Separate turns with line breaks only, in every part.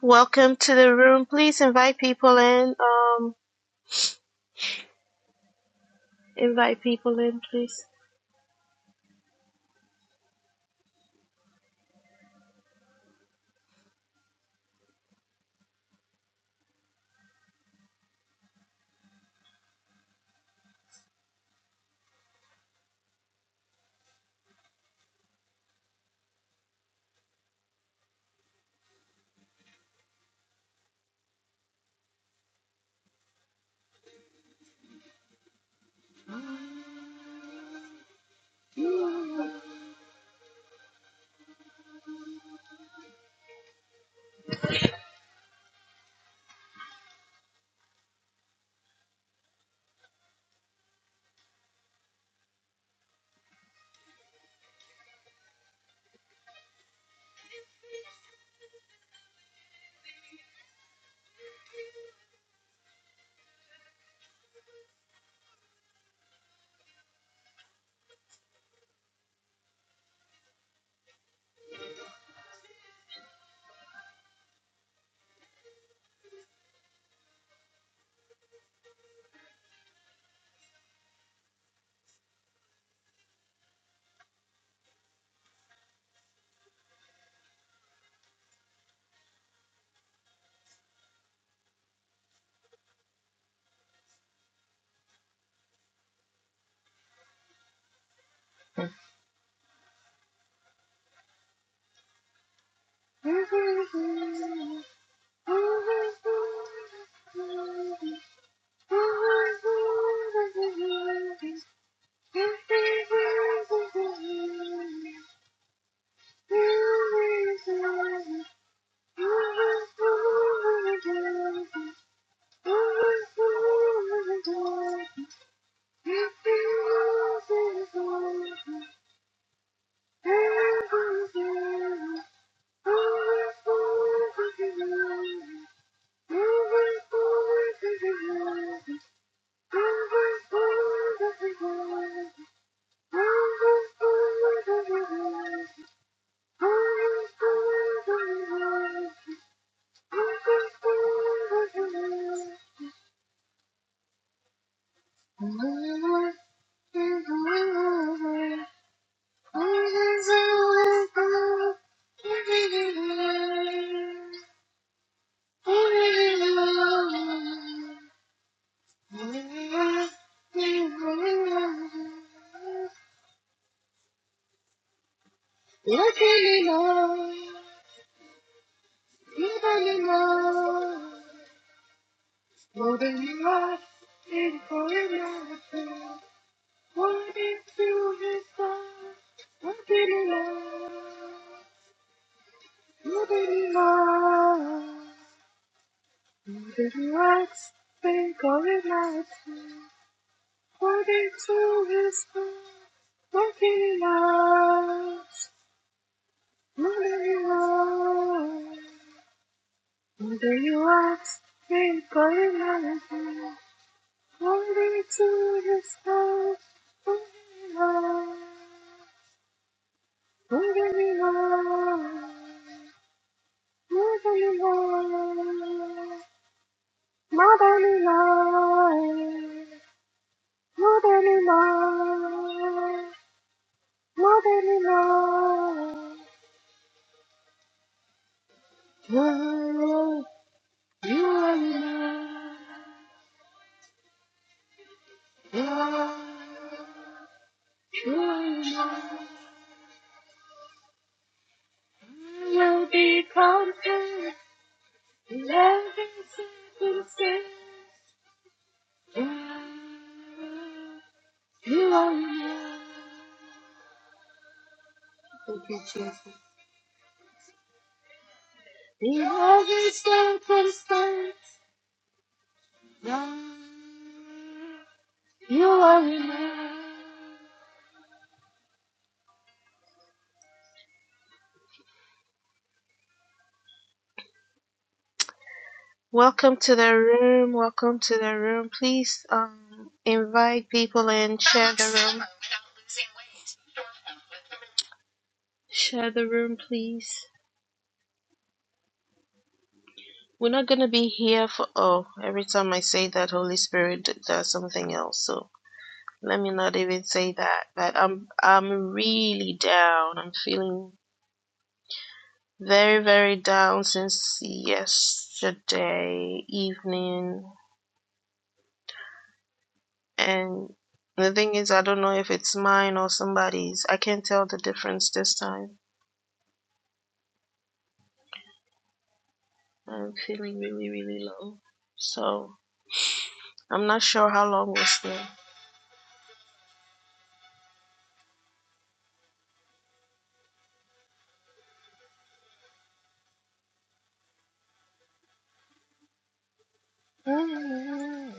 Welcome to the room. Please invite people in. Um, invite people in, please. Thank you. According to his love, walking in love. Mother you are, mother you are, hey, calling my name, only to the sky, only love, only love, only love, motherly love, motherly love, motherly love, you are, Mother you are you are enough. You'll be content in every circumstance. You are enough. Thank you, Jesus. In every circumstance, you are enough. Welcome to the room. Welcome to the room. Please um, invite people and share the room. Share the room, please. We're not going to be here for. Oh, every time I say that, Holy Spirit does something else. So let me not even say that. But I'm I'm really down. I'm feeling very very down since yesterday evening. And the thing is, I don't know if it's mine or somebody's. I can't tell the difference this time. I'm feeling really really low. So I'm not sure how long we're still. Hallelujah.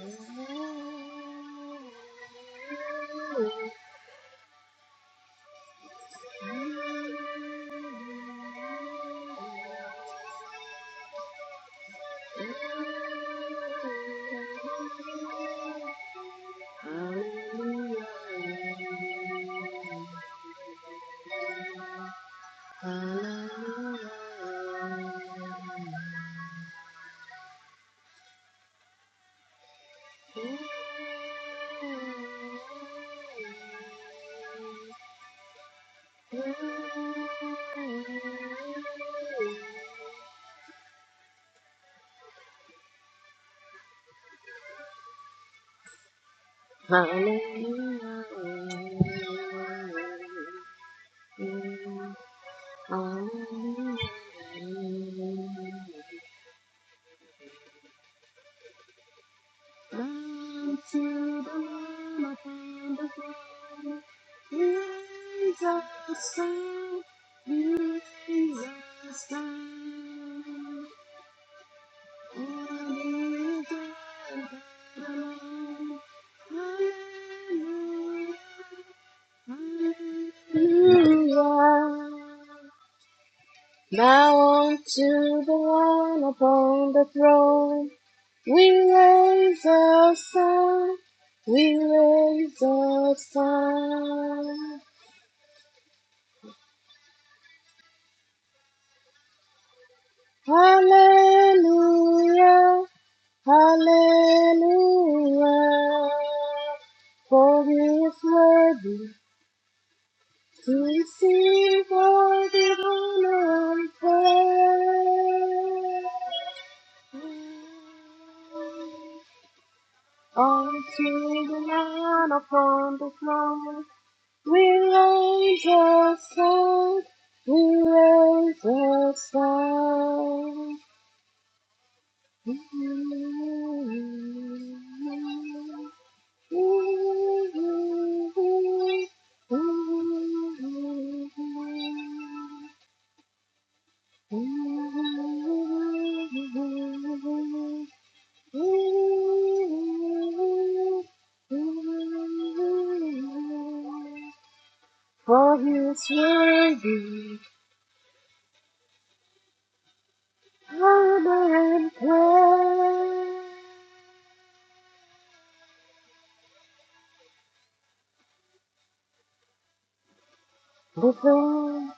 Hallelujah. Jesus, Jesus, Now unto the one upon the throne, we raise a sound, we raise a sound. Hallelujah, hallelujah. For he is worthy, receive all the honor and praise. Unto the man upon the throne, we raise a sound, we raise a sound. For he is worthy, honor and praise. The throne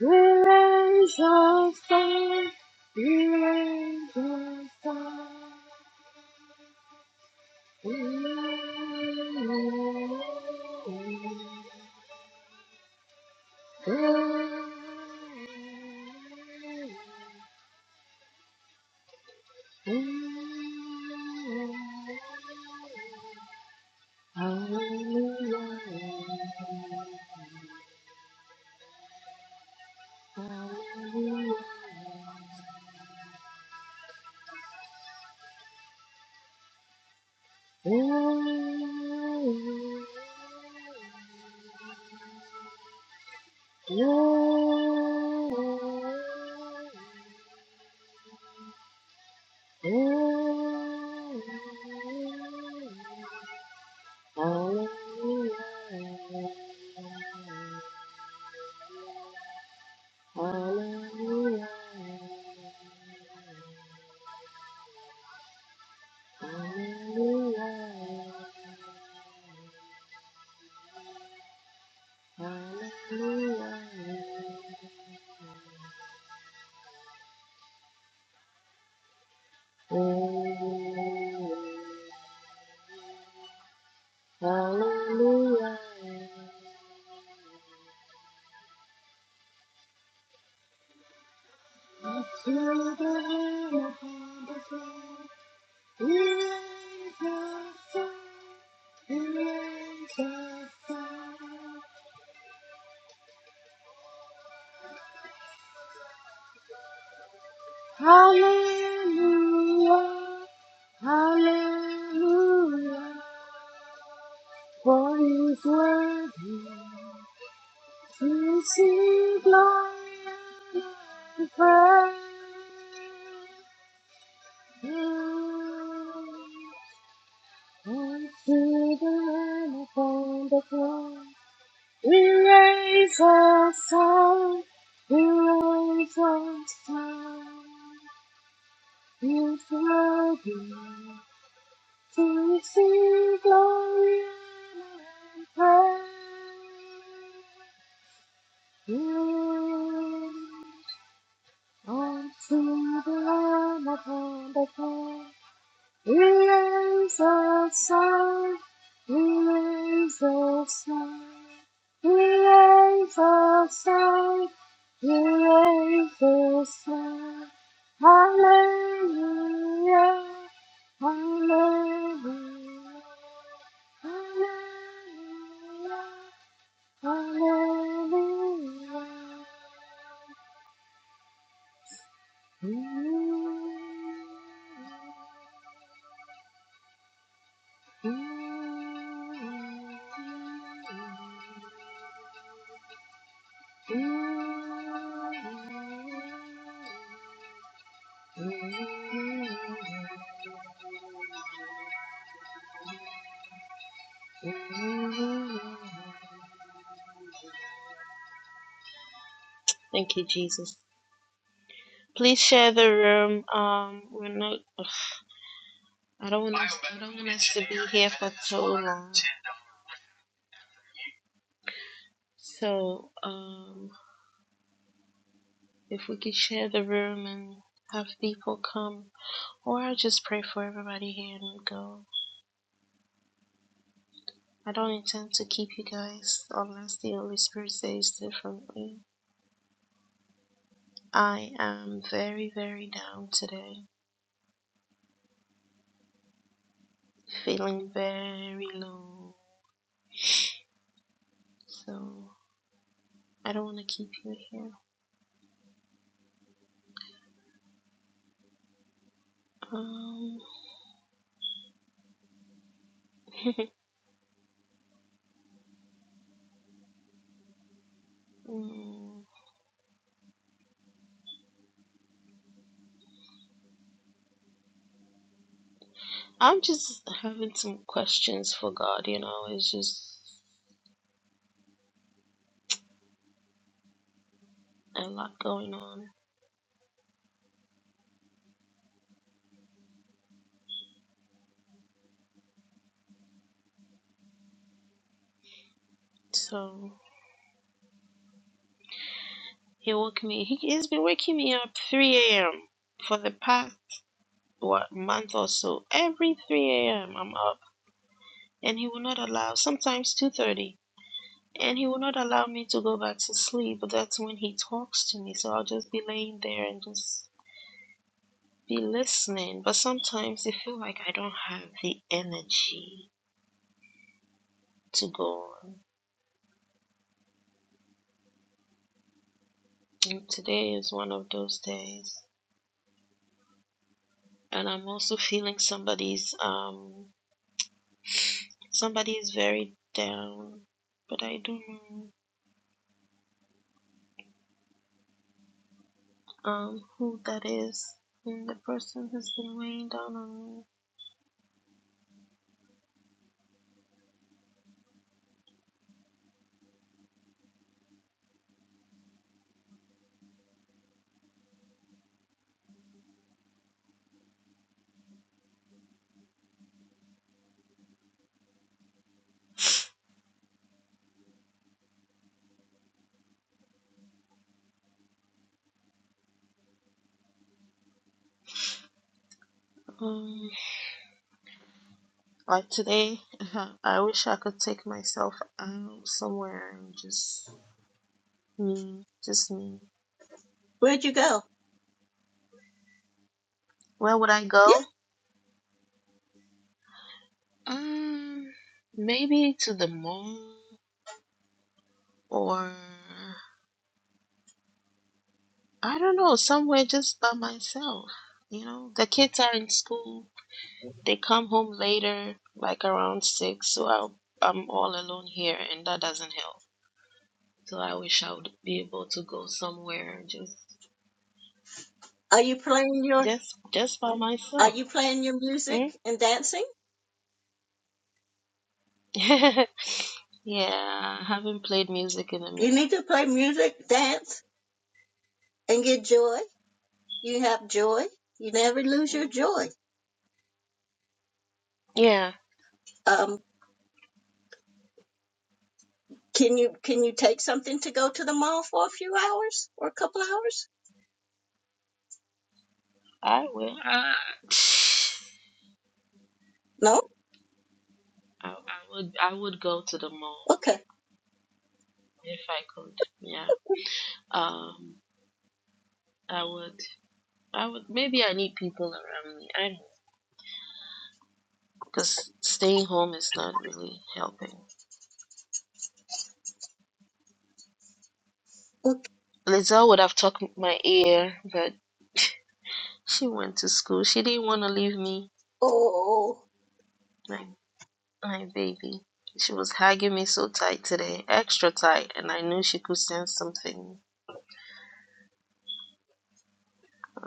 will raise us up, will raise us up. Ooh, ooh, ooh. Hallelujah. Hallelujah. Hallelujah. Up to the Lamb upon the throne. Praise the Son. Praise the Son. Hallelujah. Hallelujah. For He is worthy to see glory and praise. And To the Lamb upon the throne, we raise our song, we raise our song. It's worthy to receive glory honor, and praise. Glory to the Lamb upon the throne. He is the sun. He is the sun. He is the sun. He is the sun. Hallelujah. Hallelujah. Hallelujah. Hallelujah. Thank you, Jesus. Please share the room. Um, we're not. ugh, I don't want us. I don't want us to be here for so long. So, um, if we could share the room and have people come, or I'll just pray for everybody here and go. I don't intend to keep you guys unless the Holy Spirit says differently. I am very, very down today, feeling very low. So I don't want to keep you here. Um, mm, I'm just having some questions for God. You know, it's just a lot going on. So he woke me. He has been waking me up 3 a.m. for the past what month or so. Every 3 a.m. I'm up. and he will not allow sometimes 2:30 and he will not allow me to go back to sleep but that's when he talks to me so i'll just be laying there and just be listening but sometimes I feel like i don't have the energy to go on and today is one of those days and i'm also feeling somebody's um somebody is very down but i don't know um who that is and the person has been weighing down on me Um, Like today, I wish I could take myself out somewhere and just me, just me.
Where'd you go?
Where would I
Yeah.
go? Um, maybe to the mall or I don't know, somewhere just by myself. You know, the kids are in school. They come home later, like around six, so I'll, I'm all alone here, and that doesn't help. So I wish I would be able to go somewhere just,
Are you playing your
just, just by
Are
myself.
you playing your music
Mm?
and dancing?
Yeah, I haven't played music in a
You
minute.
need to play music, dance, and get joy. You have joy. You never lose your joy.
Yeah.
Um, can you Can you take something to go to the mall for a few hours or a couple hours?
I will. I,
No.
I would. I would go to the mall
Okay.
if I could. Yeah. Um. I would. I would. Maybe I need people around me. I don't know. Because staying home is not really helping.
Okay.
Lizelle would have tucked my ear, but she went to school. She didn't want to leave me.
Oh.
My my baby. She was hugging me so tight today, extra tight, and I knew she could sense something.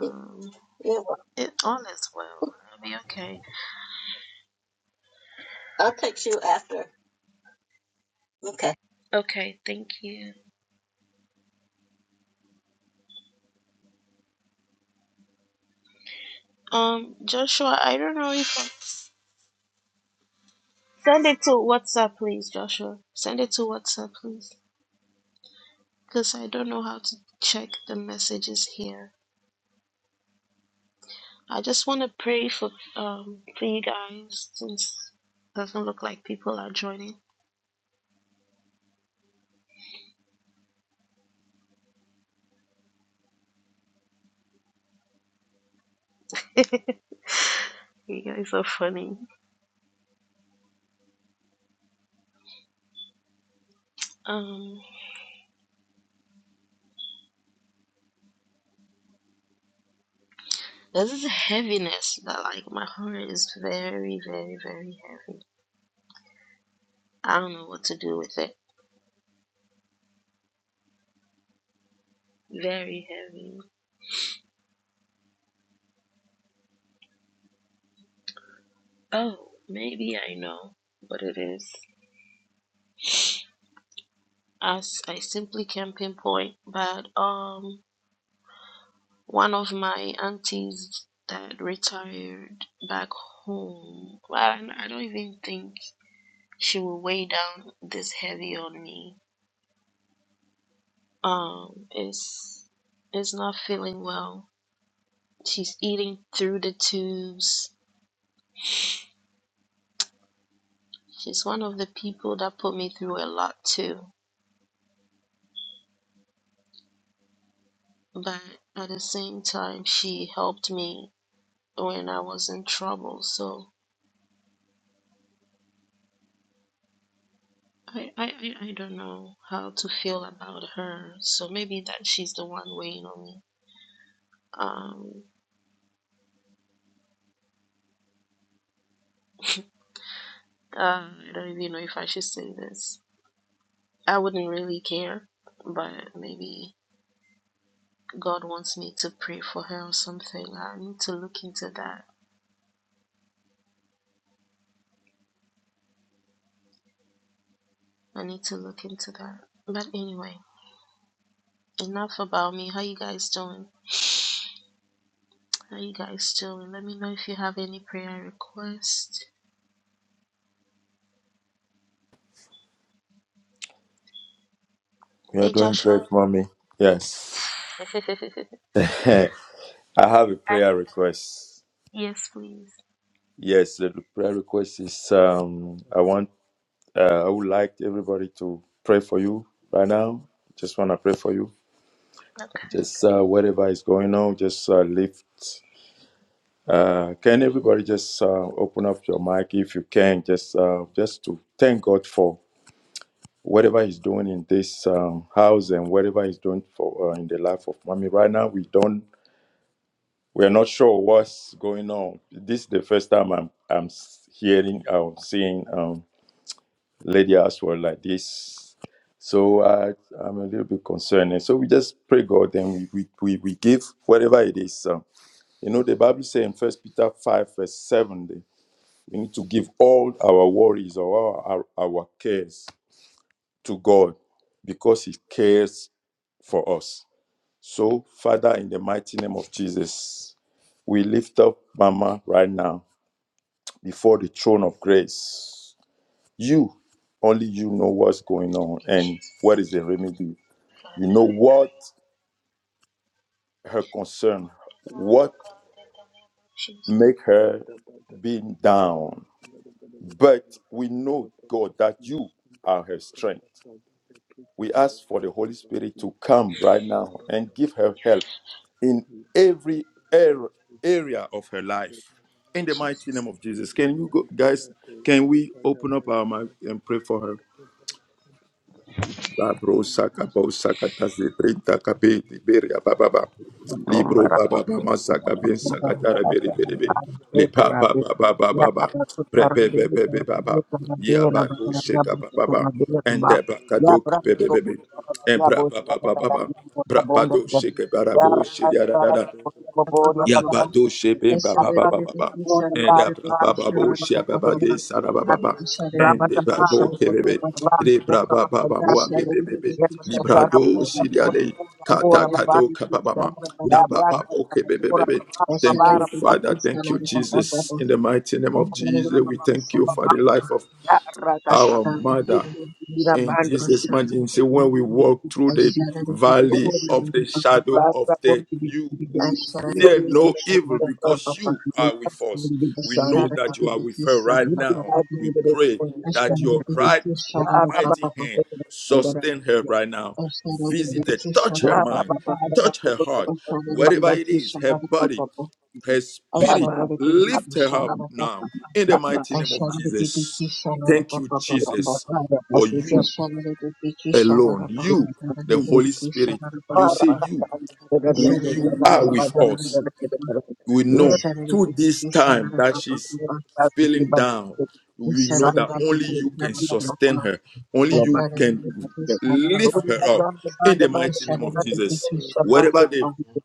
Yeah, yeah, well,
It all is well. i will be okay.
I'll text you after. Okay.
Okay, thank you. Um, Joshua, I don't know if I... send it to WhatsApp, please, Joshua. Send it to WhatsApp, please, because I don't know how to check the messages here. I just want to pray for um for you guys since it doesn't look like people are joining. you guys are funny. Um, there's this heaviness that like my heart is very, very, very heavy. I don't know what to do with it. Very heavy Oh, maybe I know what it is. As I simply can't pinpoint, but um, one of my aunties that retired back home. Well, I don't even think she will weigh down this heavy on me. Um, is is not feeling well. She's eating through the tubes. She's one of the people that put me through a lot too. But at the same time, she helped me when I was in trouble. So I, I, I don't know how to feel about her. So maybe that she's the one weighing on me. Um, uh, I don't even know if I should say this. I wouldn't really care, but maybe God wants me to pray for her or something. I need to look into that. I need to look into that. But anyway, enough about me. How you guys doing? How you guys doing? Let me know if you have any prayer requests.
We are
Hey
doing
Joshua.
great, mommy. Yes.
I
I have a prayer request.
Yes, please.
Yes, the prayer request is um I want uh, I would like everybody to pray for you right now. Just want to pray for you. Just uh, whatever is going on, just uh, lift uh, can everybody just uh, open up your mic if you can just uh, just to thank God for whatever he's doing in this um, house and whatever he's doing for uh, in the life of mommy right now we don't we're not sure what's going on. This is the first time I'm I'm hearing or seeing um Lady Aswell like this. So I I'm a little bit concerned. And so we just pray God and we we, we, we give whatever it is. Um, you know the Bible says in First Peter five verse seven that we need to give all our worries or our, our, our cares to God because He cares for us. So Father, in the mighty name of Jesus, we lift up Mama right now before the throne of grace. You, only you know what's going on and what
Jesus.
is the remedy.
Father,
You know
I
what her concern,
Lord,
what
oh God, in the name of Jesus.
make her being down. But we know, God, that you are her strength. We ask for the Holy Spirit to come right now and give her help in every ar- area of her life. In the mighty name
Jesus.
of Jesus. Can you go, guys? Can we open up our mouth and pray for her? Labro saka bo saka tase printa kape de beria baba Libro baba ba masaka bin saka tara beri beri be. Li pa pa pa pa pa pa pa. Pre pe pe pe pe pa pa. Ya ba go sheka pa pa pa. Ente ba kado ke pe pe pe pe. Embra pa pa pa pa pa. Bra pa do sheke bara bo shiri ara Ya ba
Baba,
do shepe
I
ba ba
shouted
ba
it
ba
with
ba
the
ba.
key, shouted
And
it
da ba ba ba bo she ba
Baba
ba de
Baba,
sa da ba ba ba.
I shouted it
And
with
de
the
ba bo ke be be.
Baba.
Re bra ba ba ba bo a be
Ashara
be be be. Libra do si de. Kata kata o ka ba ba ma. Na
Ya
ba ba
beraka
bo ke be be be
takabura
be.
babara
Thank you,
babara
Father. Thank you, Jesus. In the mighty name of Jesus, we thank you for the
babara.
life of
Ya rakatra.
our mother.
Itu kira
In
bandar.
Jesus' mighty name, say, when we walk through the valley of the shadow of death, you will fear no evil because you are with us. We know that you are with her right now. We pray
In the name
that your right mighty hand sustain her right now. Visit her, touch her
Ya ba
mind,
ba ba da ba
touch
ko
her
da
heart,
ba ba ba
wherever
ba
it is, her body, her
Ya
spirit.
ba ba. ba
Lift
ba
her
ba
up now
ba
in the
ba ba.
mighty
I
name of
shall the
Jesus.
Biki Sharapa
Thank you,
Ya
Papa,
ba
Jesus
ba da ba
for
su ci
I
a
you
kan
shall the Biki
alone.
Sharapa
da
You,
kan su
the Holy
bushi.
Biki
Spirit,
Sharapa
ba
you say
ra
Papa.
ka ta
you,
an da da
I
yan
shall
who
bo da
the
you
da
are
da
Biki
ba
with
da da
us.
Sharapa.
da ke da karo.
We
I
Ya
know
shall
ba
the
through this
Biki
ba
time that
Sharapa
she's
da
Papa.
ba. su ci
feeling
ba da.
down.
I
We
shall
know
Sa
the
that
ta ba
only
Biki
you can
Sharapa
da
sustain
Papa.
her. Only
I
Kalau
you
shall
makan di
can
the
depan
Biki
tidak.
Sharapa
Bapak
lift
di
her
Papa.
up
depan, depan,
in the
depan,
I
mighty
shall
depan,
name of
the
depan,
of
Jesus.
depan,
Biki
depan,
Sharapa
Jesus,
Wherever the
Papa.
depan.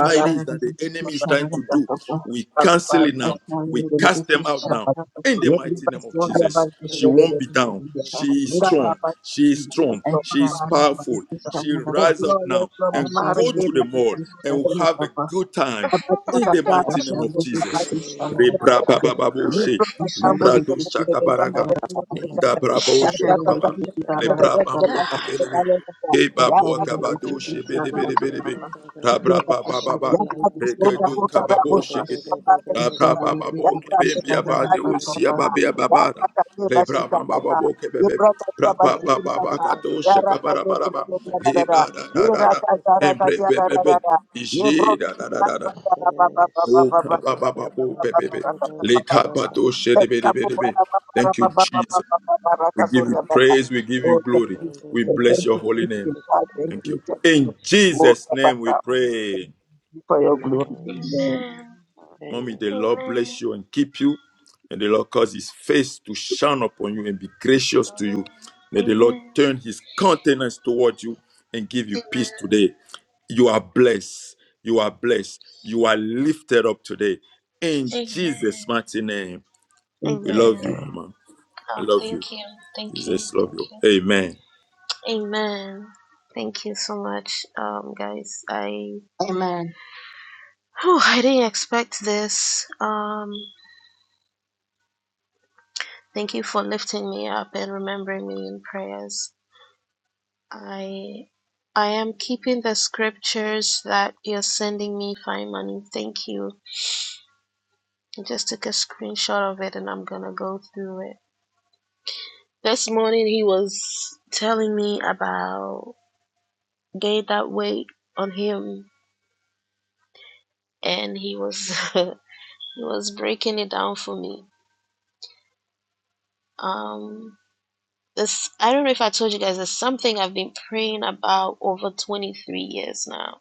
I
it
shall
is
the Biki Sharapa Papa. I shall the
depan, depan,
that the
Biki
enemy is
depan, depan,
trying
Sharapa
to do,
Papa.
we
depan,
cancel
depan,
it now.
I
We
depan,
cast them out
depan,
now.
depan.
In the
Dia di
mighty
depan
name of
semua dia
Jesus,
bantu,
the
she
dia,
shall
dia,
the
name
won't
of
be down.
dia,
Biki
dia.
Jesus,
She
Sharapa
is
Enggak
Papa.
ada
strong.
apa
She
itu.
is
Yes,
strong.
Lord,
She
apa
is
Ashpalali
apa
powerful.
Biki
Sata.
She
Yes,
Shalarapa,
rise up
Lord, yes,
now
Lord,
and
Mama,
go
Arke,
Ashalili
to the mall
Biki
and will
Pati,
have a
Shalarapa,
good time.
Rabatia
In the
kata
mighty
kata
name of
Ashalili
bori
in the
abas
Jesus.
Biki
name of
Rebra
Shalarapa,
rabatia.
baba
Jesus.
babo she.
Lepro kata
Libra
bori
Ashalili
do
bote
shaka
bebe
Biki
bande
baraga.
de
Shalarapa,
bori bote
Inda
kata.
Ababa
brabo she
Data
shata
Ashalili
baba.
kata
ba.
do
bori
Biki
bebe
shata
Shalarapa,
da
bebe
Lebra
bebe
do
babo
kata kata
shaba.
le
kevelebe.
kata. Ya
Kebabo
Ashalili
kata kata
kabado
Kira
Biki
da da
shibidi bidi
Shalarapa,
bidi bidi.
shaba ba da da
दिया
Rabra
do
ba
करता है।
ba ba ba.
shaba
या
ba.
Ashalili
बात किस
Biki
और
Rekedu
जाको कर रहा हो
kababo
Kira da
Shalarapa,
da
चीजें
shikiti.
da da da da da da
पता कर
da da da da da da da da
Rabra
सकता
ba
Ashalili
ba
या
bo
अपना
Biki
kebimbi
da
करके
abade
विकास करता
usia
Shalarapa.
था
da
babi
या
ababana.
अपना करके बस
da
Lebra ba
करता
ba
da
ba
da
था
bo
ये
kebebe.
प्रो करके
Bra ba
बस
ba
Ika
ba
ba
करता
ba
ba
था
ba
kado
ba ba
या
ba
राका
ba
shikabara
दे
ba ba
दे
ba
ba.
ba
दे
ba
दे रा रा
Le
रा
ra
shata
ra
da
ra
ये
ra
da
ra.
da
राका रा
da
रा
da
का
Embre
da
रा रा रा
bebebe.
रा ये ब्रो
Ije ra
की
ra ra ra
बस
ra.
Mm.
करता
Te
रा बा बा बा बा
sa
O
बा बा
da da
kababa
da
ba
da
bo
da
bebebe.
da
Le
da sa ba.
kabato shibidi bidi
को
bidi.
बड़ा बड़ा
Thank
बड़ा
you, Jesus.
बड़ा बड़ा बड़ा
We
का
give you
Sonia Baba.
praise. We give you
Oh, thank
glory.
you,
One da
We
da
Jesus.
da
bless
da
Thank
your
you
da
for
da
holy
this.
da
name.
gift.
da da
God, Thank
da
Thank
you.
da
you.
Thank
da da
you.
In
da.
More
Jesus' name we
Pastor, only you can
pray.
do for your glory.
Amen.
Amen.
Amen.
Amen.
Mommy, the
Amen.
Lord
Amen.
bless you and keep you. And the Lord cause his face to shine upon you and be gracious to you.
Amen.
May the Lord
Amen.
turn his countenance toward you and give you peace today. You are blessed. You are blessed. You are lifted up today. In Jesus'
Amen.
mighty name. We
Amen.
love
Amen.
you, Mama. I
Oh,
love you.
thank you. Thank you.
Jesus love
Thank
you.
you.
Amen.
Amen. Thank you so much, um, guys. I
Amen.
whew, I didn't expect this. Um, thank you for lifting me up and remembering me in prayers. I I am keeping the scriptures that you're sending me, fine money. Thank you. I just took a screenshot of it and I'm gonna go through it. This morning he was telling me about they that wait on him and he was he was breaking it down for me. Um this I don't know if I told you guys it's something I've been praying about over twenty three years now.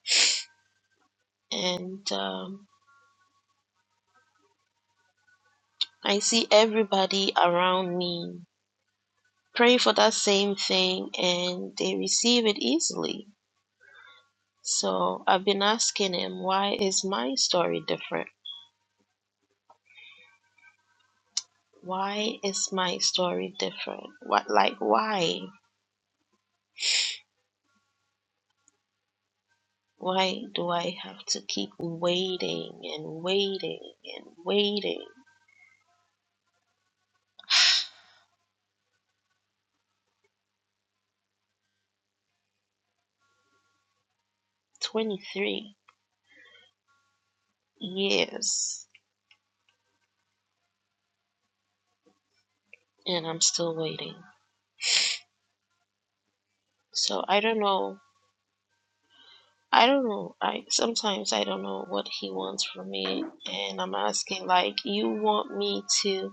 And um I see everybody around me pray for that same thing and they receive it easily. So I've been asking him, why is my story different? Why is my story different? What, like, why? Why do I have to keep waiting and waiting and waiting? 23 years and I'm still waiting. So I don't know. I don't know. I sometimes I don't know what he wants from me and I'm asking like you want me to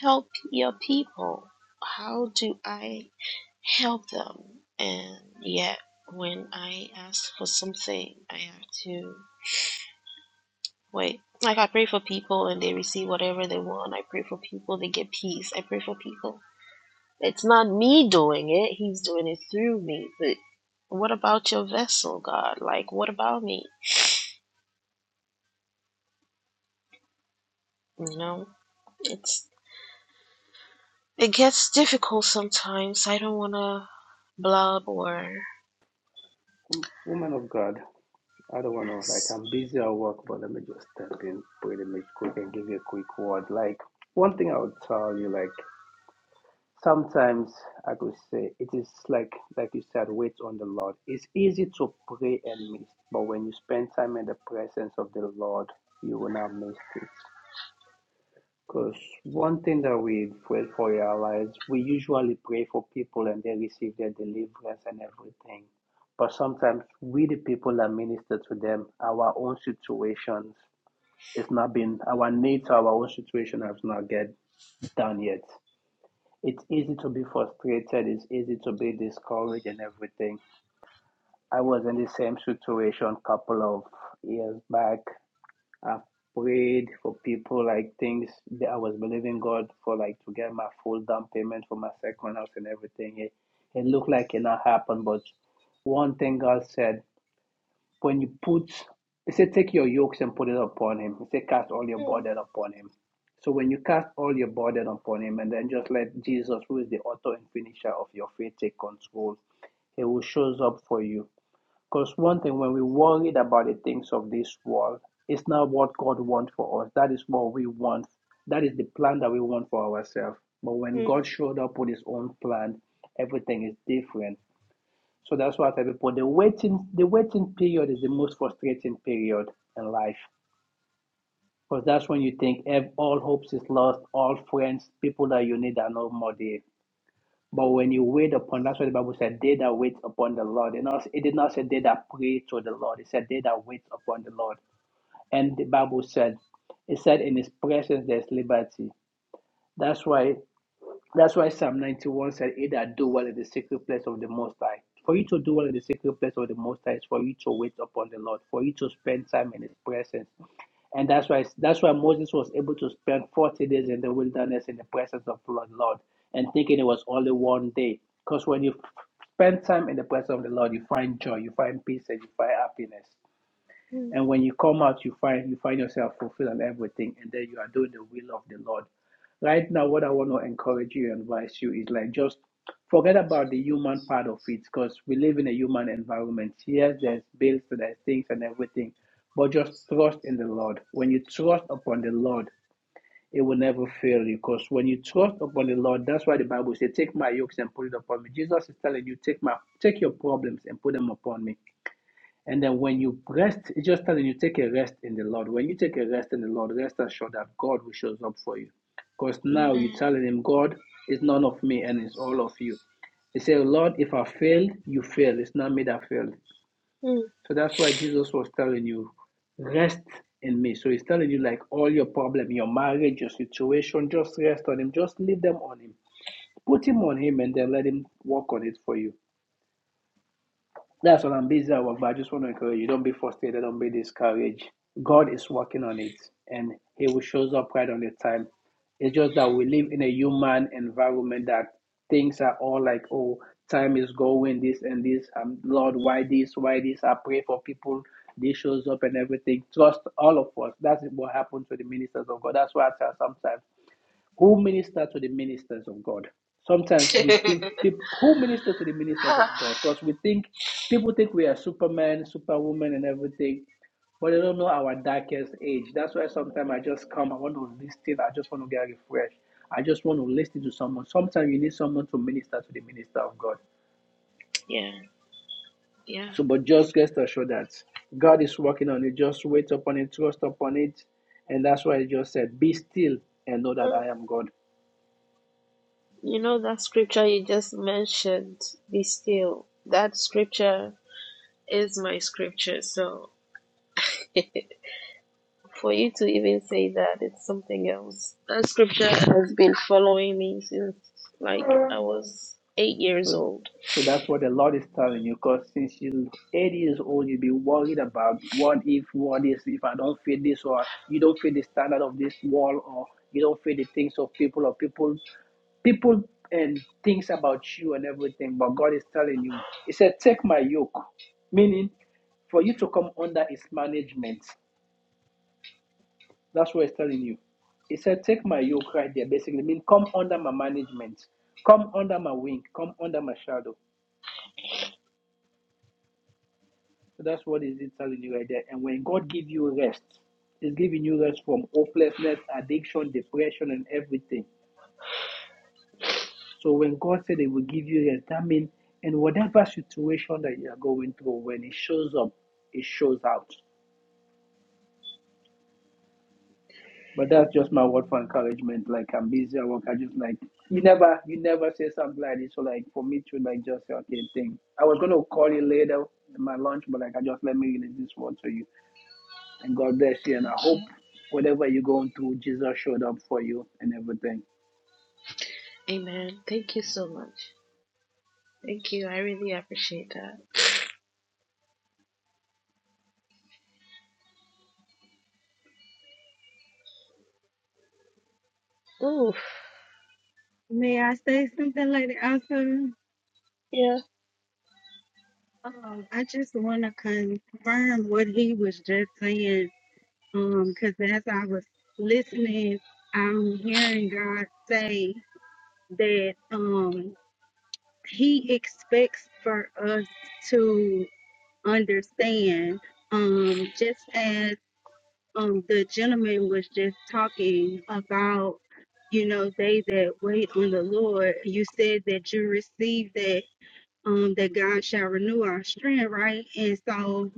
help your people. How do I help them? And yet, when I ask for something, I have to wait. Like, I pray for people and they receive whatever they want. I pray for people, they get peace. I pray for people. It's not me doing it, He's doing it through me. But what about your vessel, God? Like, what about me? You know, it's. It gets difficult sometimes. I don't want to blub or.
"Mm, Woman of God, I don't want to, like, I'm busy at work, but let me just step in pretty much quick and give you a quick word. Like, one thing I would tell you, like, sometimes I could say it is like, like you said, wait on the Lord. It's easy to pray and miss, but when you spend time in the presence of the Lord, you will not miss it. Because one thing that we pray for in our lives, we usually pray for people and they receive their deliverance and everything. But sometimes we, the people that minister to them, our own situations, it's not been, our needs, our own situation has not get done yet. It's easy to be frustrated. It's easy to be discouraged and everything. I was in the same situation a couple of years back I've prayed for people like things that I was believing God for, like to get my full down payment for my second house and everything. It, it looked like it not happened, but one thing God said when you put, He said, take your yokes and put it upon Him. He said, cast all your
Mm,
burden upon Him. So when you cast all your burden upon Him and then just let Jesus, who is the author and finisher of your faith, take control, He will shows up for you. Because one thing, when we're worried about the things of this world, it's not what God wants for us. That is what we want. That is the plan that we want for ourselves. But when
mm,
God showed up with his own plan, everything is different. So that's why I tell people the waiting, the waiting period is the most frustrating period in life. Because that's when you think ev- all hopes is lost, all friends, people that you need are no more there. But when you wait upon, that's what the Bible said, they that wait upon the Lord. It, not, it did not say they that pray to the Lord. It said they that wait upon the Lord. And the Bible said, it said in his presence there's liberty. That's why that's why Psalm 91 said, He that do well in the secret place of the Most High. For you to do well in the secret place of the Most High is for you to wait upon the Lord, for you to spend time in His presence. And that's why that's why Moses was able to spend 40 days in the wilderness in the presence of the Lord, Lord, and thinking it was only one day. Because when you spend time in the presence of the Lord, you find joy, you find peace, and you find happiness.
mm.
And when you come out, you find you find yourself fulfilled and everything, and then you are doing the will of the Lord. Right now, what I want to encourage you and advise you is like just forget about the human part of it, because we live in a human environment. Yes, there's bills, there's things, and everything, but just trust in the Lord. When you trust upon the Lord, it will never fail you, because when you trust upon the Lord, that's why the Bible says, "Take my yokes and put it upon me." Jesus is telling you, "Take my take your problems and put them upon me." And then when you rest, it's just telling you take a rest in the Lord. When you take a rest in the Lord, rest assured that God will show up for you. Because now you're
Amen.
telling him, God, it's none of me and it's all of you. He said, Lord, if I failed, you failed. It's not me that failed.
Mm,
So that's why Jesus was telling you, rest in me. So he's telling you, like, all your problem, your marriage, your situation, just rest on him. Just leave them on him. Put him on him and then let him work on it for you. That's what I'm busy about. But I just want to encourage you. Don't be frustrated. Don't be discouraged. God is working on it, and He will shows up right on the time. It's just that we live in a human environment that things are all like, oh, time is going, this and this. Um, Lord, why this? Why this? I pray for people. This shows up and everything. Trust all of us. That's what happened to the ministers of God. That's why I tell sometimes. Who minister to the ministers of God? Sometimes we think people who minister to the ministers of God because we think people think we are superman, superwoman, and everything, but they don't know our darkest age. That's why sometimes I just come, I want to listen, I just want to get refreshed. I just want to listen to someone. Sometimes you need someone to minister to the minister of God.
Yeah, yeah.
So, but just rest assured that God is working on it. Just wait upon it, trust upon it. And that's why I just said, Be still and know that
mm.
I am God.
You know that scripture you just mentioned, be still. That scripture is my scripture. So for you to even say that, it's something else. That scripture has been following me since like I was eight years
So,
old.
so that's what the Lord is telling you. Because since you're 80 years old, you'll be worried about what if, what is, if I don't fit this, or you don't fit the standard of this wall, or you don't fit the things of people, or people, people and things about you and everything. But God is telling you, He said, take my yoke, meaning for you to come under His management. That's what He's telling you. He said, Take my yoke right there, basically. mean, come under my management, come under my wing, come under my shadow. So that's what is it telling you right there. And when God give you rest, He's giving you rest from hopelessness, addiction, depression, and everything. So when God said He will give you rest, that means in whatever situation that you are going through, when it shows up, it shows out. But that's just my word for encouragement. Like I'm busy at work. I just like you never you never say something like this. So like for me to like just say okay thing. I was gonna call you later in my lunch, but like I just let me release this word to you. And God bless you. And I hope whatever you're going through, Jesus showed up for you and everything.
Amen. Thank you so much. Thank you. I really appreciate that. Oof.
May I say something, Lady Oscar?
Yeah.
Um, I just want to confirm what he was just saying. Um, because as I was listening, I'm hearing God say that um He expects for us to understand. Um, just as um the gentleman was just talking about, you know, they that wait on the Lord. You said that you received that um, that God shall renew our strength, right? And so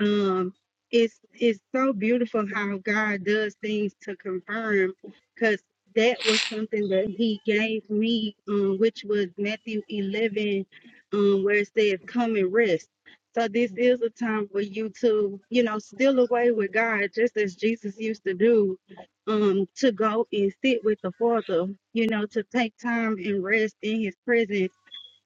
um, it's it's so beautiful how God does things to confirm, because that was something that He gave me, um, which was Matthew eleven, um, where it says, "Come and rest." So this is a time for you to, you know, steal away with God, just as Jesus used to do, um, to go and sit with the Father, you know, to take time and rest in His presence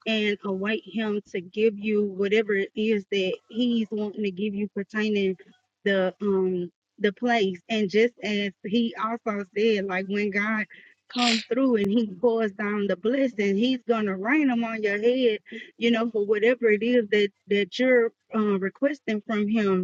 and await him to give you whatever it is that he's wanting to give you pertaining the um the place and just as he also said like when god comes through and he pours down the blessing he's gonna rain them on your head you know for whatever it is that that you're uh, requesting from him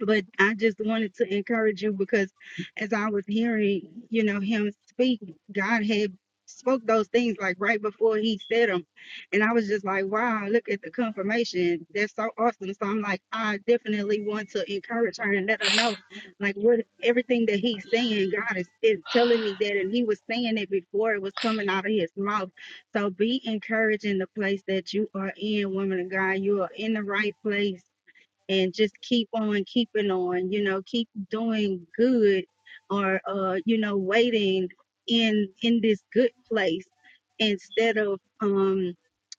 but I just wanted to encourage you because as I was hearing, you know, him speak, God had spoke those things like right before he said them. And I was just like, wow, look at the confirmation. That's so awesome. So I'm like, I definitely want to encourage her and let her know like what everything that he's saying, God is, is telling me that and he was saying it before it was coming out of his mouth. So be encouraged in the place that you are in, woman of God. You are in the right place and just keep on keeping on, you know, keep doing good or uh, you know, waiting in in this good place instead of um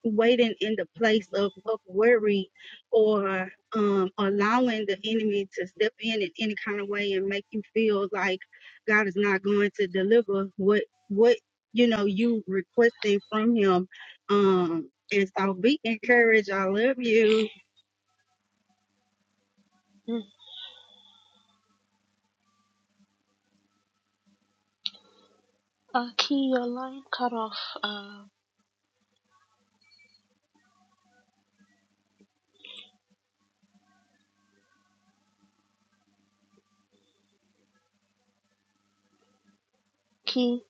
waiting in the place of, of worry or um allowing the enemy to step in in any kind of way and make you feel like God is not going to deliver what what you know you requesting from him. Um and so be encouraged. I love you.
Mm. Uh, Key, your line cut off. Uh, Key.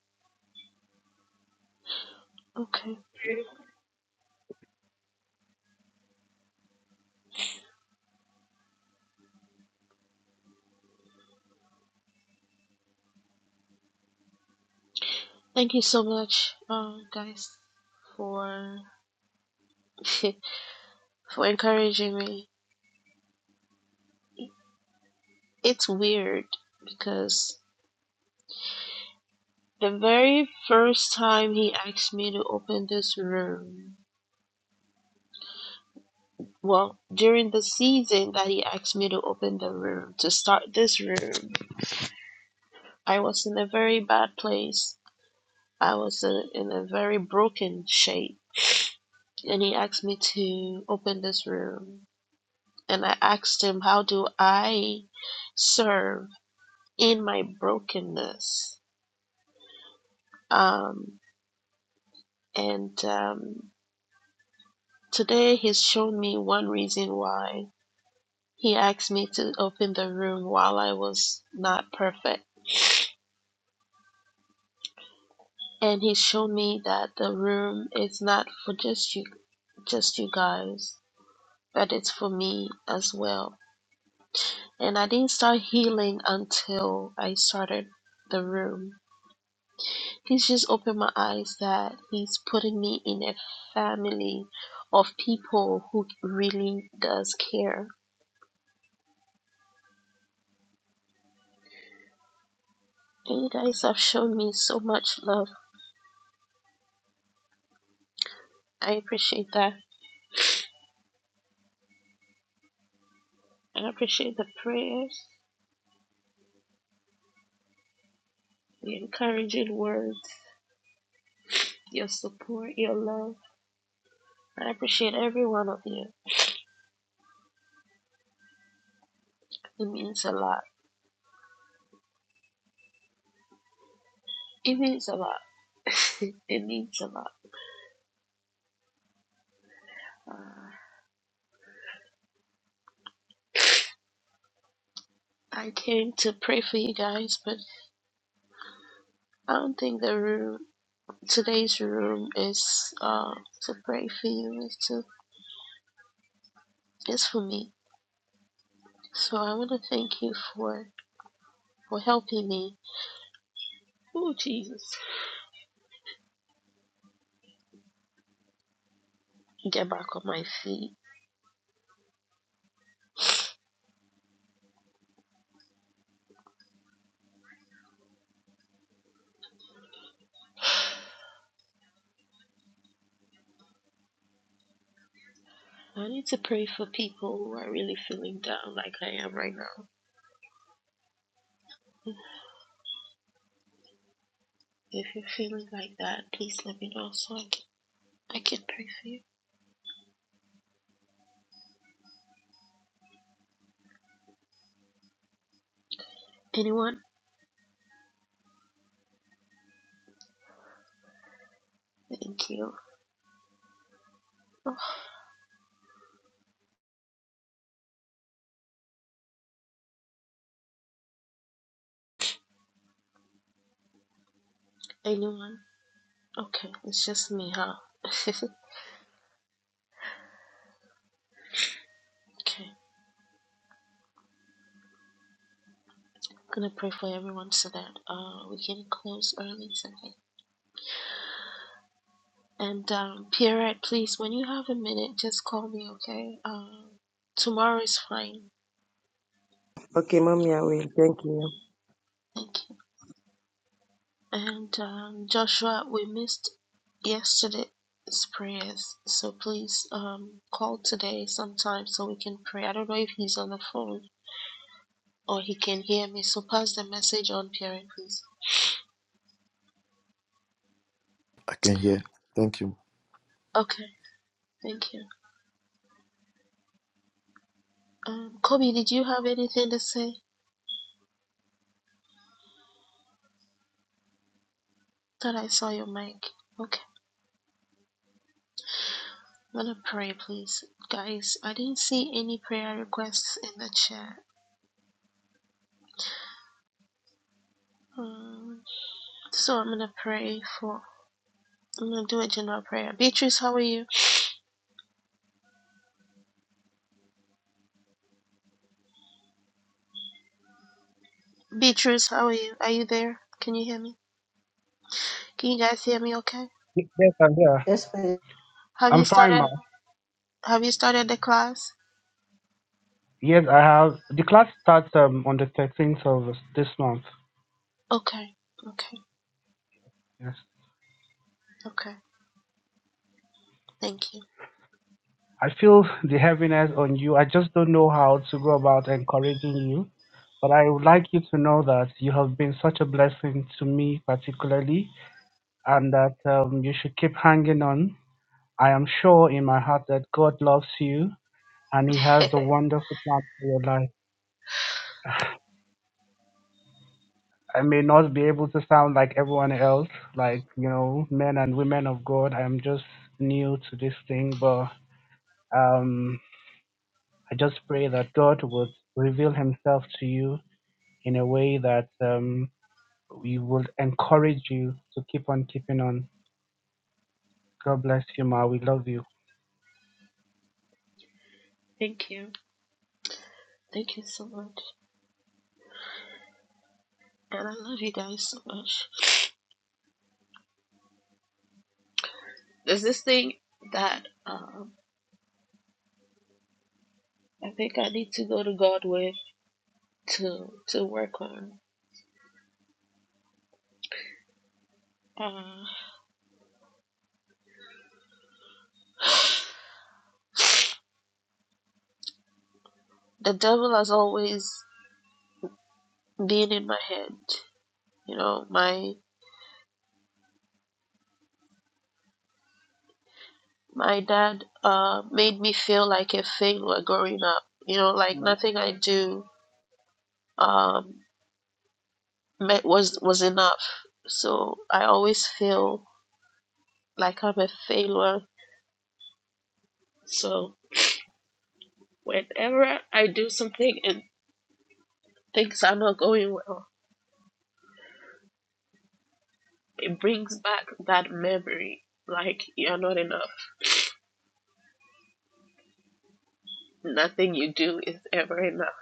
Okay. Thank you so much, uh, guys. for for encouraging me. It's weird because the very first time he asked me to open this room, well, during the season that he asked me to open the room, to start this room, I was in a very bad place. I was uh in a very broken shape. And he asked me to open this room. And I asked him, How do I serve in my brokenness? Um, And um, today he's shown me one reason why he asked me to open the room while I was not perfect. And he showed me that the room is not for just you, just you guys, but it's for me as well. And I didn't start healing until I started the room. He's just opened my eyes that he's putting me in a family of people who really does care And you guys have shown me so much love. I appreciate that. I appreciate the prayers, the encouraging words, your support, your love. I appreciate every one of you. It means a lot. It means a lot. it means a lot. Uh, I came to pray for you guys, but I don't think the room today's room is uh, to pray for you. It's to it's for me. So I want to thank you for for helping me. Oh Jesus, get back on my feet I need to pray for people who are really feeling down like I am right now. If you're feeling like that, please let me know so I can, I can pray for you. Anyone? Thank you. Oh, anyone? Okay, it's just me, huh? okay, I'm gonna pray for everyone so that uh, we can close early today. And um, Pierrette, please, when you have a minute, just call me, okay? Um, tomorrow is fine.
Okay, Mommy, I will. Thank you.
Thank you. And um, Joshua, we missed yesterday's prayers, so please um, call today sometime so we can pray. I don't know if he's on the phone or he can hear me, so pass the message on, Pierre, please.
I can hear. Thank you.
Okay, thank you. Um, Kobe, did you have anything to say? Thought I saw your mic. Okay, I'm gonna pray, please. Guys, I didn't see any prayer requests in the chat. Um, so I'm gonna pray for, I'm gonna do a general prayer. Beatrice, how are you? Beatrice, how are you? Are you there? Can you hear me? Can you guys hear me okay?
Y- Yes, I'm here.
Yes, please.
Have you
I'm fine, ma.
started have you started the class?
Yes, I have. The class starts um, on the 13th of this month.
Okay. Okay.
Yes.
Okay. Thank you.
I feel the heaviness on you. I just don't know how to go about encouraging you. But I would like you to know that you have been such a blessing to me, particularly, and that um, you should keep hanging on. I am sure in my heart that God loves you and He has a wonderful plan for your life. I may not be able to sound like everyone else, like, you know, men and women of God. I'm just new to this thing, but um, I just pray that God would reveal himself to you in a way that um, we would encourage you to keep on keeping on. God bless you, Ma. We love you.
Thank you. Thank you so much. And I love you guys so much. There's this thing that um I think I need to go to God with to to work on. Uh, the devil has always been in my head. You know, my my dad uh made me feel like a failure growing up. You know, like nothing I do um, me- was was enough. So I always feel like I'm a failure. So whenever I do something and things are not going well, it brings back that memory. Like you're not enough. Nothing you do is ever enough.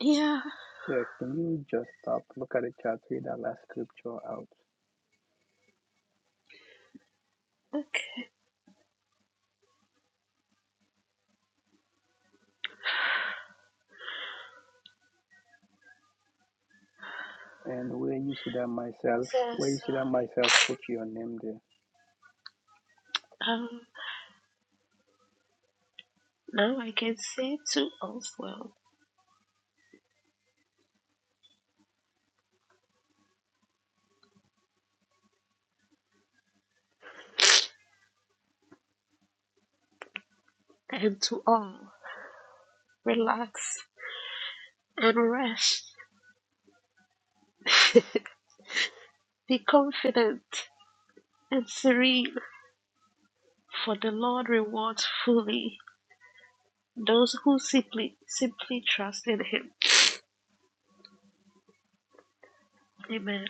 Yeah.
And where you see that myself,
So,
where you see
so
that myself, put your name there.
um, now I can say to us well and to all, relax and rest. Be confident and serene. For the Lord rewards fully those who simply simply trust in Him. Amen.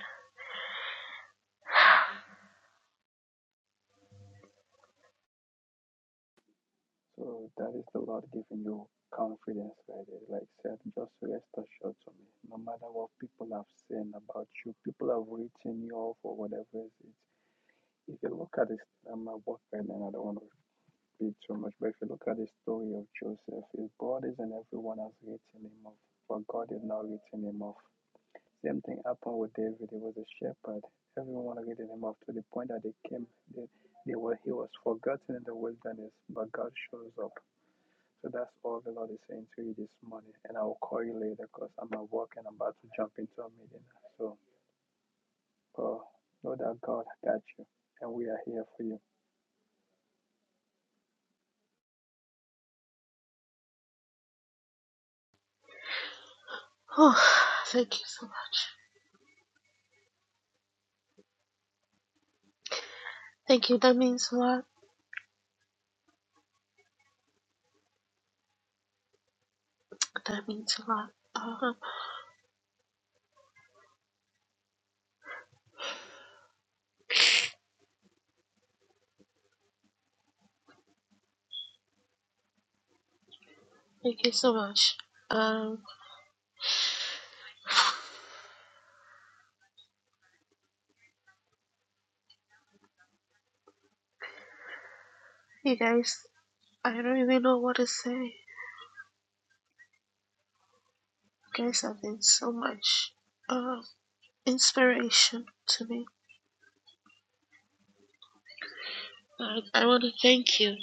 Oh, thank you so much. Thank you. That means a lot. That means a lot. Um, thank you so much. Um, you guys, I don't even know what to say. You guys have been so much uh, inspiration to me. I, I want to thank you,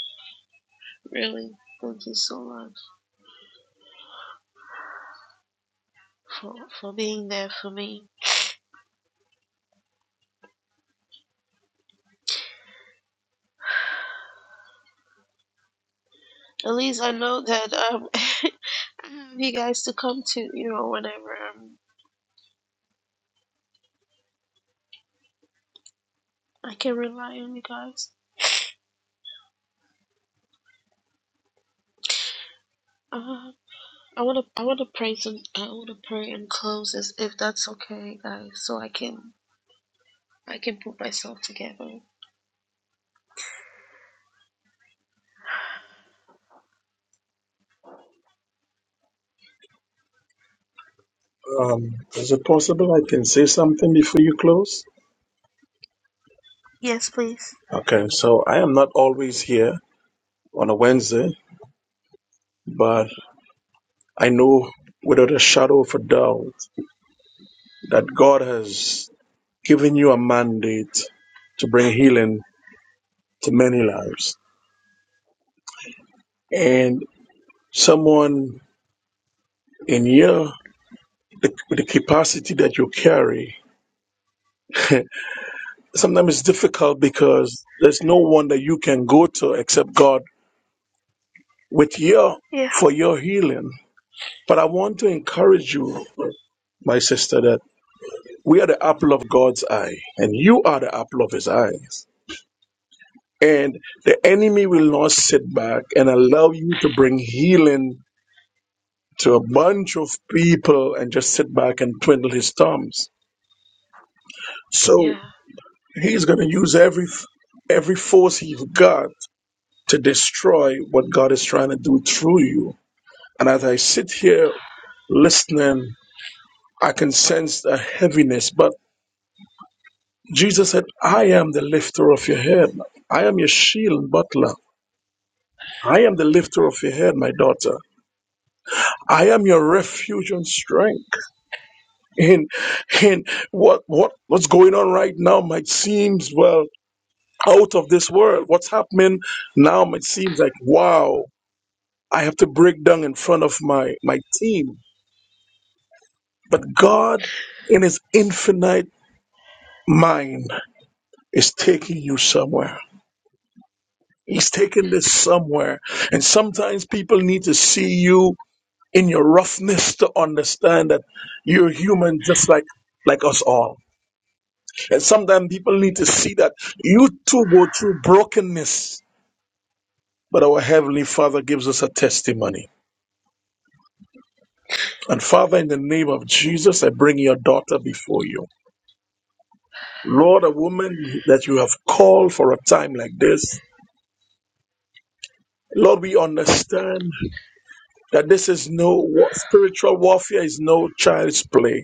really. Thank you so much for, for being there for me. At least I know that um, have you guys to come to, you know, whenever um, I can rely on you guys. Uh, I wanna, I wanna pray some, I wanna pray and close this, if that's okay, guys, so I can, I can put myself together.
Um, is it possible I can say something before you close?
Yes, please.
Okay, so I am not always here on a Wednesday, but I know without a shadow of a doubt that God has given you a mandate to bring healing to many lives. And someone in your the, the capacity that you carry, sometimes it's difficult because there's no one that you can go to except God with your
Yeah.
for your healing. But I want to encourage you, my sister, that we are the apple of God's eye, and you are the apple of his eyes. And the enemy will not sit back and allow you to bring healing to a bunch of people and just sit back and twiddle his thumbs. So
Yeah.
he's going to use every every force he's got to destroy what God is trying to do through you. And as I sit here listening, I can sense a heaviness, but Jesus said, I am the lifter of your head. I am your shield and butler. I am the lifter of your head, my daughter. I am your refuge and strength. And and what what what's going on right now might seem well out of this world. What's happening now might seem like wow, I have to break down in front of my my team. But God in his infinite mind is taking you somewhere. He's taking this somewhere. And sometimes people need to see you in your roughness to understand that you're human just like like us all. And sometimes people need to see that you too go through brokenness. But our Heavenly Father gives us a testimony. And Father, in the name of Jesus, I bring your daughter before you. Lord, a woman that you have called for a time like this. Lord, we understand that this is no wa- spiritual warfare is no child's play.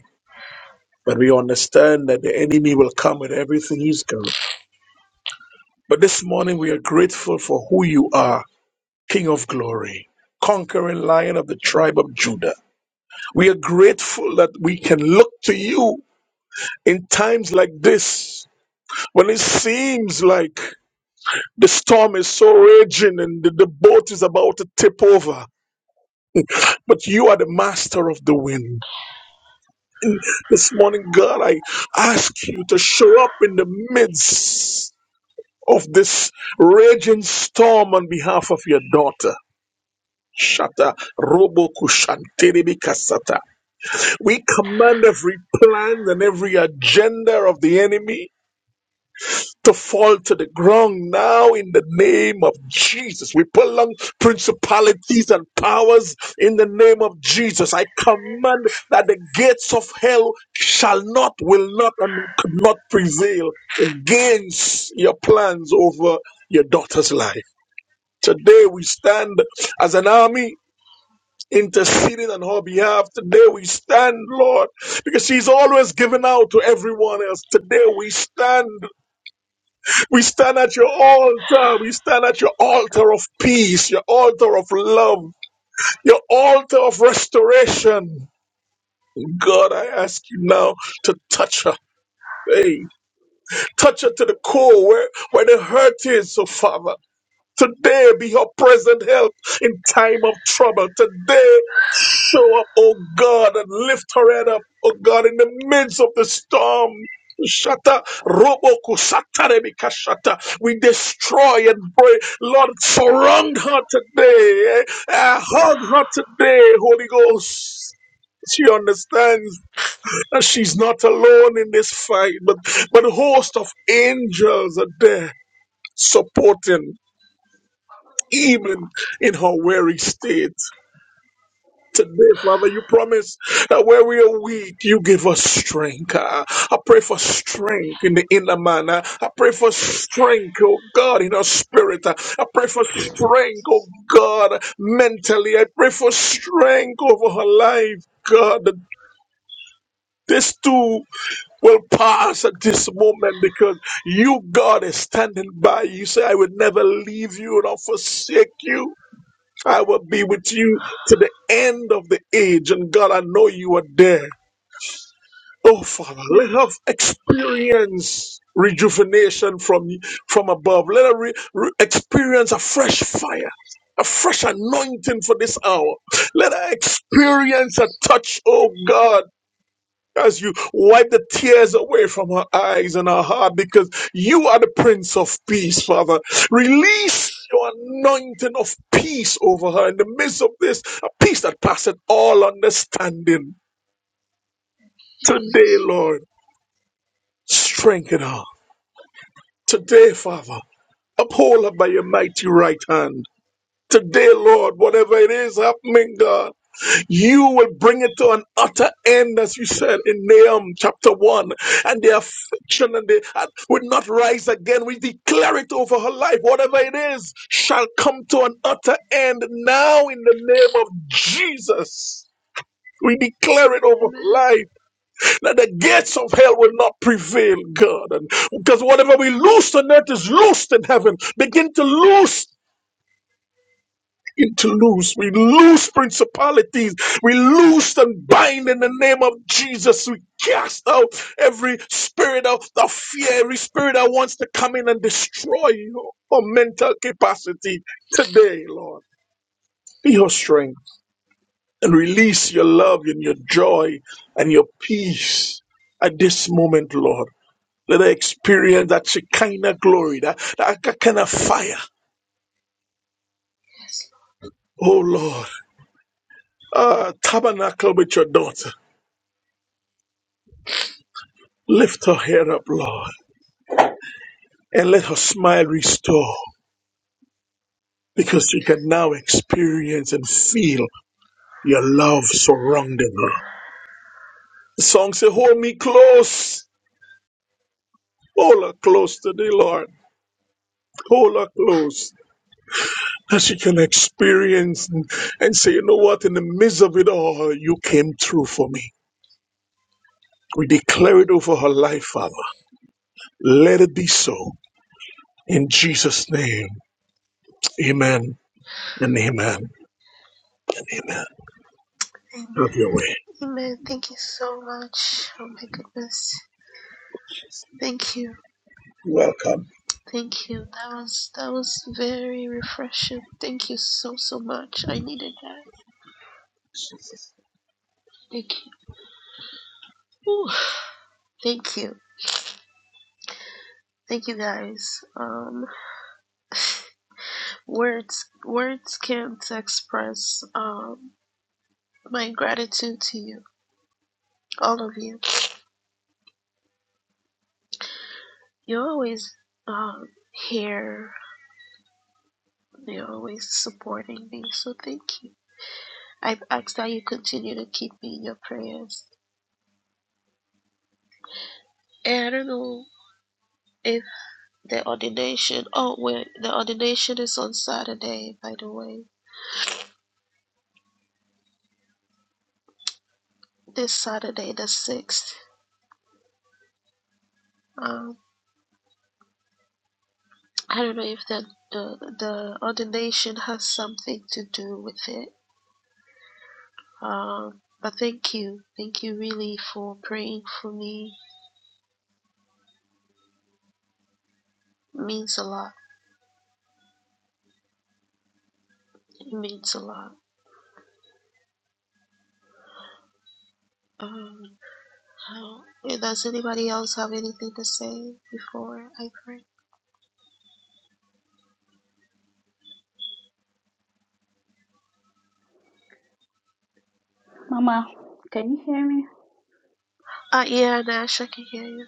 But we understand that the enemy will come with everything he's got. But this morning we are grateful for who you are, King of glory, conquering lion of the tribe of Judah. We are grateful that we can look to you in times like this when it seems like the storm is so raging and the, the boat is about to tip over. But you are the master of the wind. And this morning, God, I ask you to show up in the midst. of this raging storm on behalf of your daughter. Shata Robo Kushanteribi Kasata. We command every plan and every agenda of the enemy to fall to the ground now in the name of Jesus. We pull on principalities and powers in the name of Jesus. I command that the gates of hell shall not, will not, and could not prevail against your plans over your daughter's life. Today we stand as an army interceding on her behalf. Today we stand, Lord, because she's always given out to everyone else. Today we stand. We stand at your altar. We stand at your altar of peace, your altar of love, your altar of restoration. God, I ask you now to touch her. Hey, touch her to the core where, where the hurt is, so Father. Today be her present help in time of trouble. Today Show up, oh God, and lift her head up, oh God, in the midst of the storm. Shata roboku satarebika shata. We destroy and break. Lord, surround her today. eh? Uh, hug her today, Holy Ghost. She understands that she's not alone in this fight, but but a host of angels are there supporting, even in her weary state. Today, Father, you promise that where we are weak, you give us strength. Uh, I pray for strength in the inner man. Uh, I pray for strength, oh God, in our spirit. Uh, I pray for strength, oh God, mentally. I pray for strength over her life, God. that This too will pass at this moment because you, God, is standing by. You say, I will never leave you nor forsake you. I will be with you to the end of the age. And God, I know you are there. Oh, Father,
Amen.
let her experience rejuvenation from, from above. Let her re- re- experience a fresh fire, a fresh anointing for this hour. Let her experience a touch, oh God. As you wipe the tears away from her eyes and her heart, because you are the Prince of Peace, Father. Release your anointing of peace over her in the midst of this, a peace that passeth all understanding. Today, Lord, strengthen her. Today, Father, uphold her by your mighty right hand. Today, Lord, whatever it is happening, God. You will bring it to an utter end, as you said in Nahum chapter 1. And the affliction and the and will not rise again. We declare it over her life. Whatever it is shall come to an utter end now in the name of Jesus. We declare it over her
Amen.
life that the gates of hell will not prevail, God. And because whatever we loose on earth is loosed in heaven. Begin to loose into loose. We loose principalities. We loose and bind in the name of Jesus. We cast out every spirit of, of fear, every spirit that wants to come in and destroy your, your mental capacity today, Lord. Be your strength and release your love and your joy and your peace at this moment, Lord. Let I experience that Shekinah glory, that, that kind of fire.
Yes.
Oh Lord, uh, tabernacle with your daughter. Lift her head up, Lord, and let her smile restore because she can now experience and feel your love surrounding her. The song says, Hold me close. Hold her close to thee, Lord. Hold her close. That she can experience and, and say, You know what? In the midst of it all, you came through for me. We declare it over her life, Father. Let it be so. In Jesus' name, amen and amen and amen.
Amen.
Have your way.
Amen. Thank you so much. Oh my goodness. Thank you.
Welcome.
Thank you. That was that was very refreshing. Thank you so so much. I needed that. Thank you. Ooh. Thank you. Thank you guys. Um, words words can't express um, my gratitude to you, all of you. You're always um, here. You're always supporting me, so thank you. I've asked that you continue to keep me in your prayers. And I don't know if the ordination. Oh wait, the ordination is on Saturday, by the way. This Saturday, the sixth. Um, I don't know if the the, the ordination has something to do with it. Um, but thank you, thank you really for praying for me. It means a lot. It means a lot. Um, how- yeah, does anybody else have anything to say before I pray?
Mama, can you hear me?
Uh, yeah, Nash, I can hear you.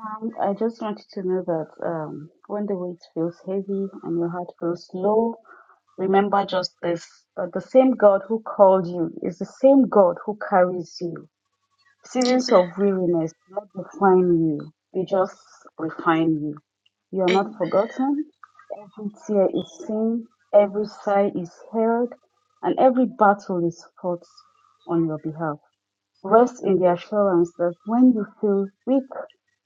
Um, I just want you to know that um, when the weight feels heavy and your heart feels low, remember just this that the same God who called you is the same God who carries you. Seasons
Amen.
of weariness do not define you, they just refine you. You are not
Amen.
forgotten. Every tear is seen, every sigh is heard, and every battle is fought on your behalf. Rest in the assurance that when you feel weak,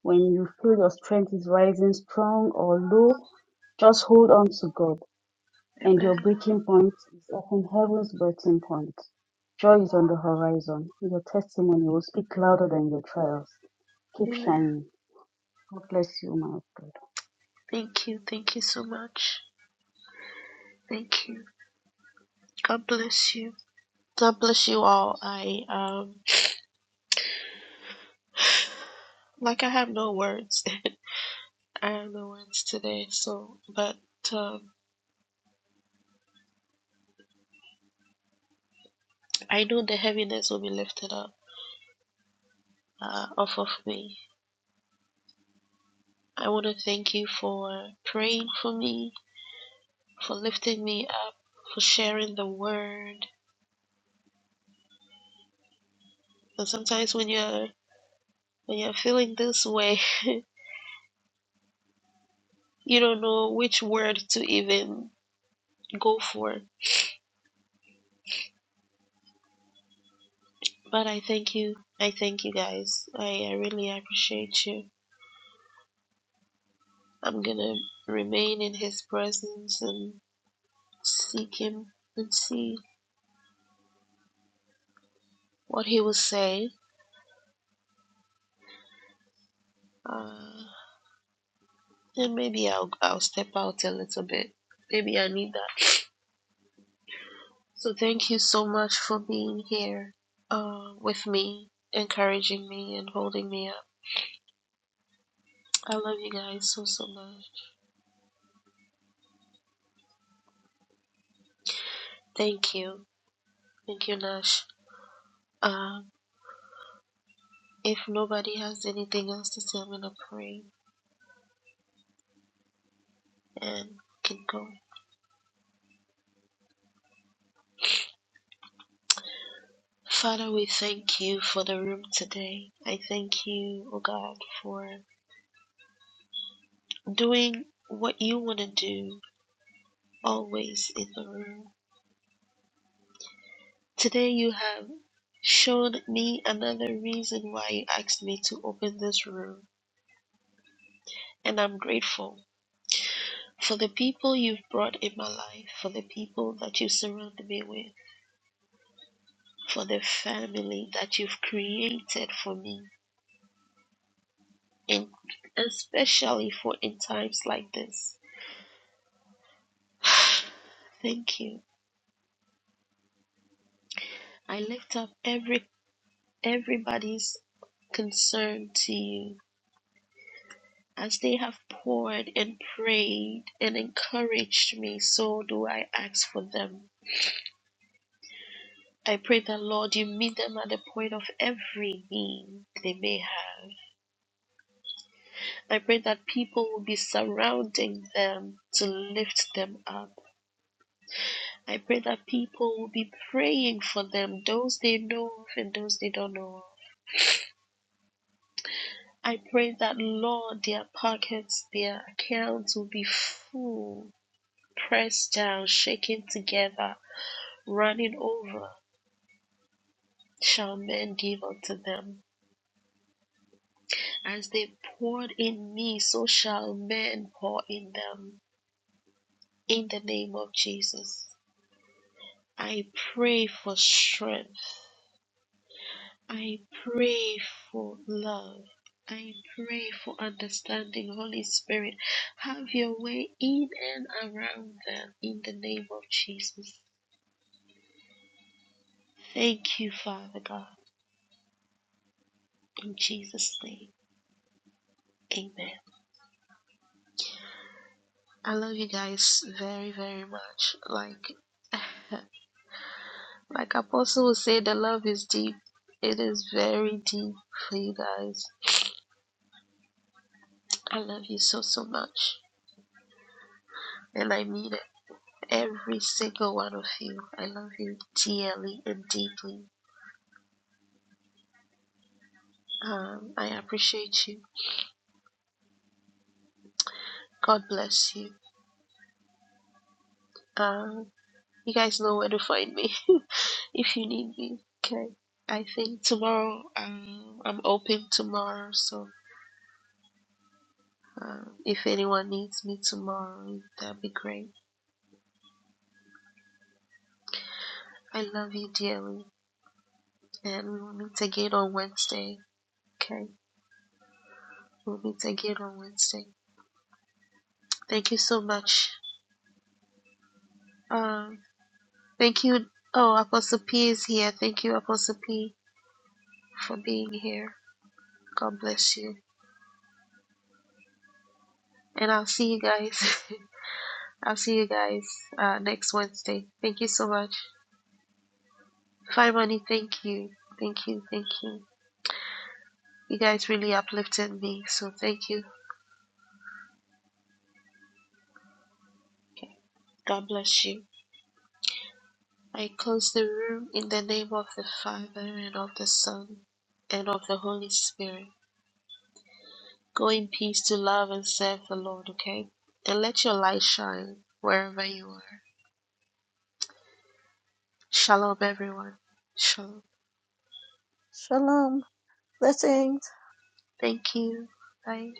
when you feel your strength is rising strong or low, just hold on to God, and your
Amen.
breaking point is often heaven's breaking point. Joy is on the horizon. Your testimony will speak louder than your trials. Keep
Amen.
shining. God bless you, my God.
Thank you. Thank you so much. Thank you. God bless you. God bless you all. I um like I have no words. I am the ones today. So, but um, I know the heaviness will be lifted up uh, off of me. I want to thank you for praying for me, for lifting me up, for sharing the word. And sometimes when you're when you're feeling this way, you don't know which word to even go for. But I thank you. I thank you guys. I, I really appreciate you. I'm gonna remain in his presence and seek him and see what he was saying. Uh, and maybe I'll, I'll step out a little bit. Maybe I need that. So thank you so much for being here uh, with me, encouraging me, and holding me up. I love you guys so, so much. Thank you. Thank you, Nash. Um, if nobody has anything else to say, I'm going to pray and keep going. Father, we thank you for the room today. I thank you, oh God, for doing what you want to do always in the room. Today you have shown me another reason why you asked me to open this room, and I'm grateful for the people you've brought in my life, for the people that you surround me with, for the family that you've created for me, and especially for in times like this. Thank you. I lift up every everybody's concern to you As they have poured and prayed and encouraged me, so do I ask for them. I pray that, Lord, you meet them at the point of every need they may have. I pray that people will be surrounding them to lift them up. I pray that people will be praying for them, those they know of and those they don't know of. I pray that, Lord, their pockets, their accounts will be full, pressed down, shaken together running over shall men give unto them. As they poured in me, so shall men pour in them. In the name of Jesus, I pray for strength. I pray for love. I pray for understanding. Holy Spirit, have your way in and around them in the name of Jesus. Thank you, Father God. In Jesus' name, amen. I love you guys very, very much. Like, like Apostle would say, the love is deep. It is very deep for you guys. I love you so, so much. And I mean it. Every single one of you. I love you dearly and deeply. Um, I appreciate you. God bless you. Um, you guys know where to find me if you need me. Okay. I think tomorrow um, I'm open tomorrow, so Um, if anyone needs me tomorrow, that'd be great. I love you dearly, and we will meet again on Wednesday. Okay, we'll meet again on Wednesday. Thank you so much. Um, thank you. Oh, Apostle P is here. Thank you, Apostle P, for being here. God bless you, and I'll see you guys. I'll see you guys uh, next Wednesday. Thank you so much. Fine money. Thank you. Thank you. Thank you. You guys really uplifted me, so thank you. Okay. God bless you. I close the room in the name of the Father and of the Son and of the Holy Spirit. Go in peace to love and serve the Lord, okay? And let your light shine wherever you are. Shalom, everyone. Shalom. Thank you. Bye.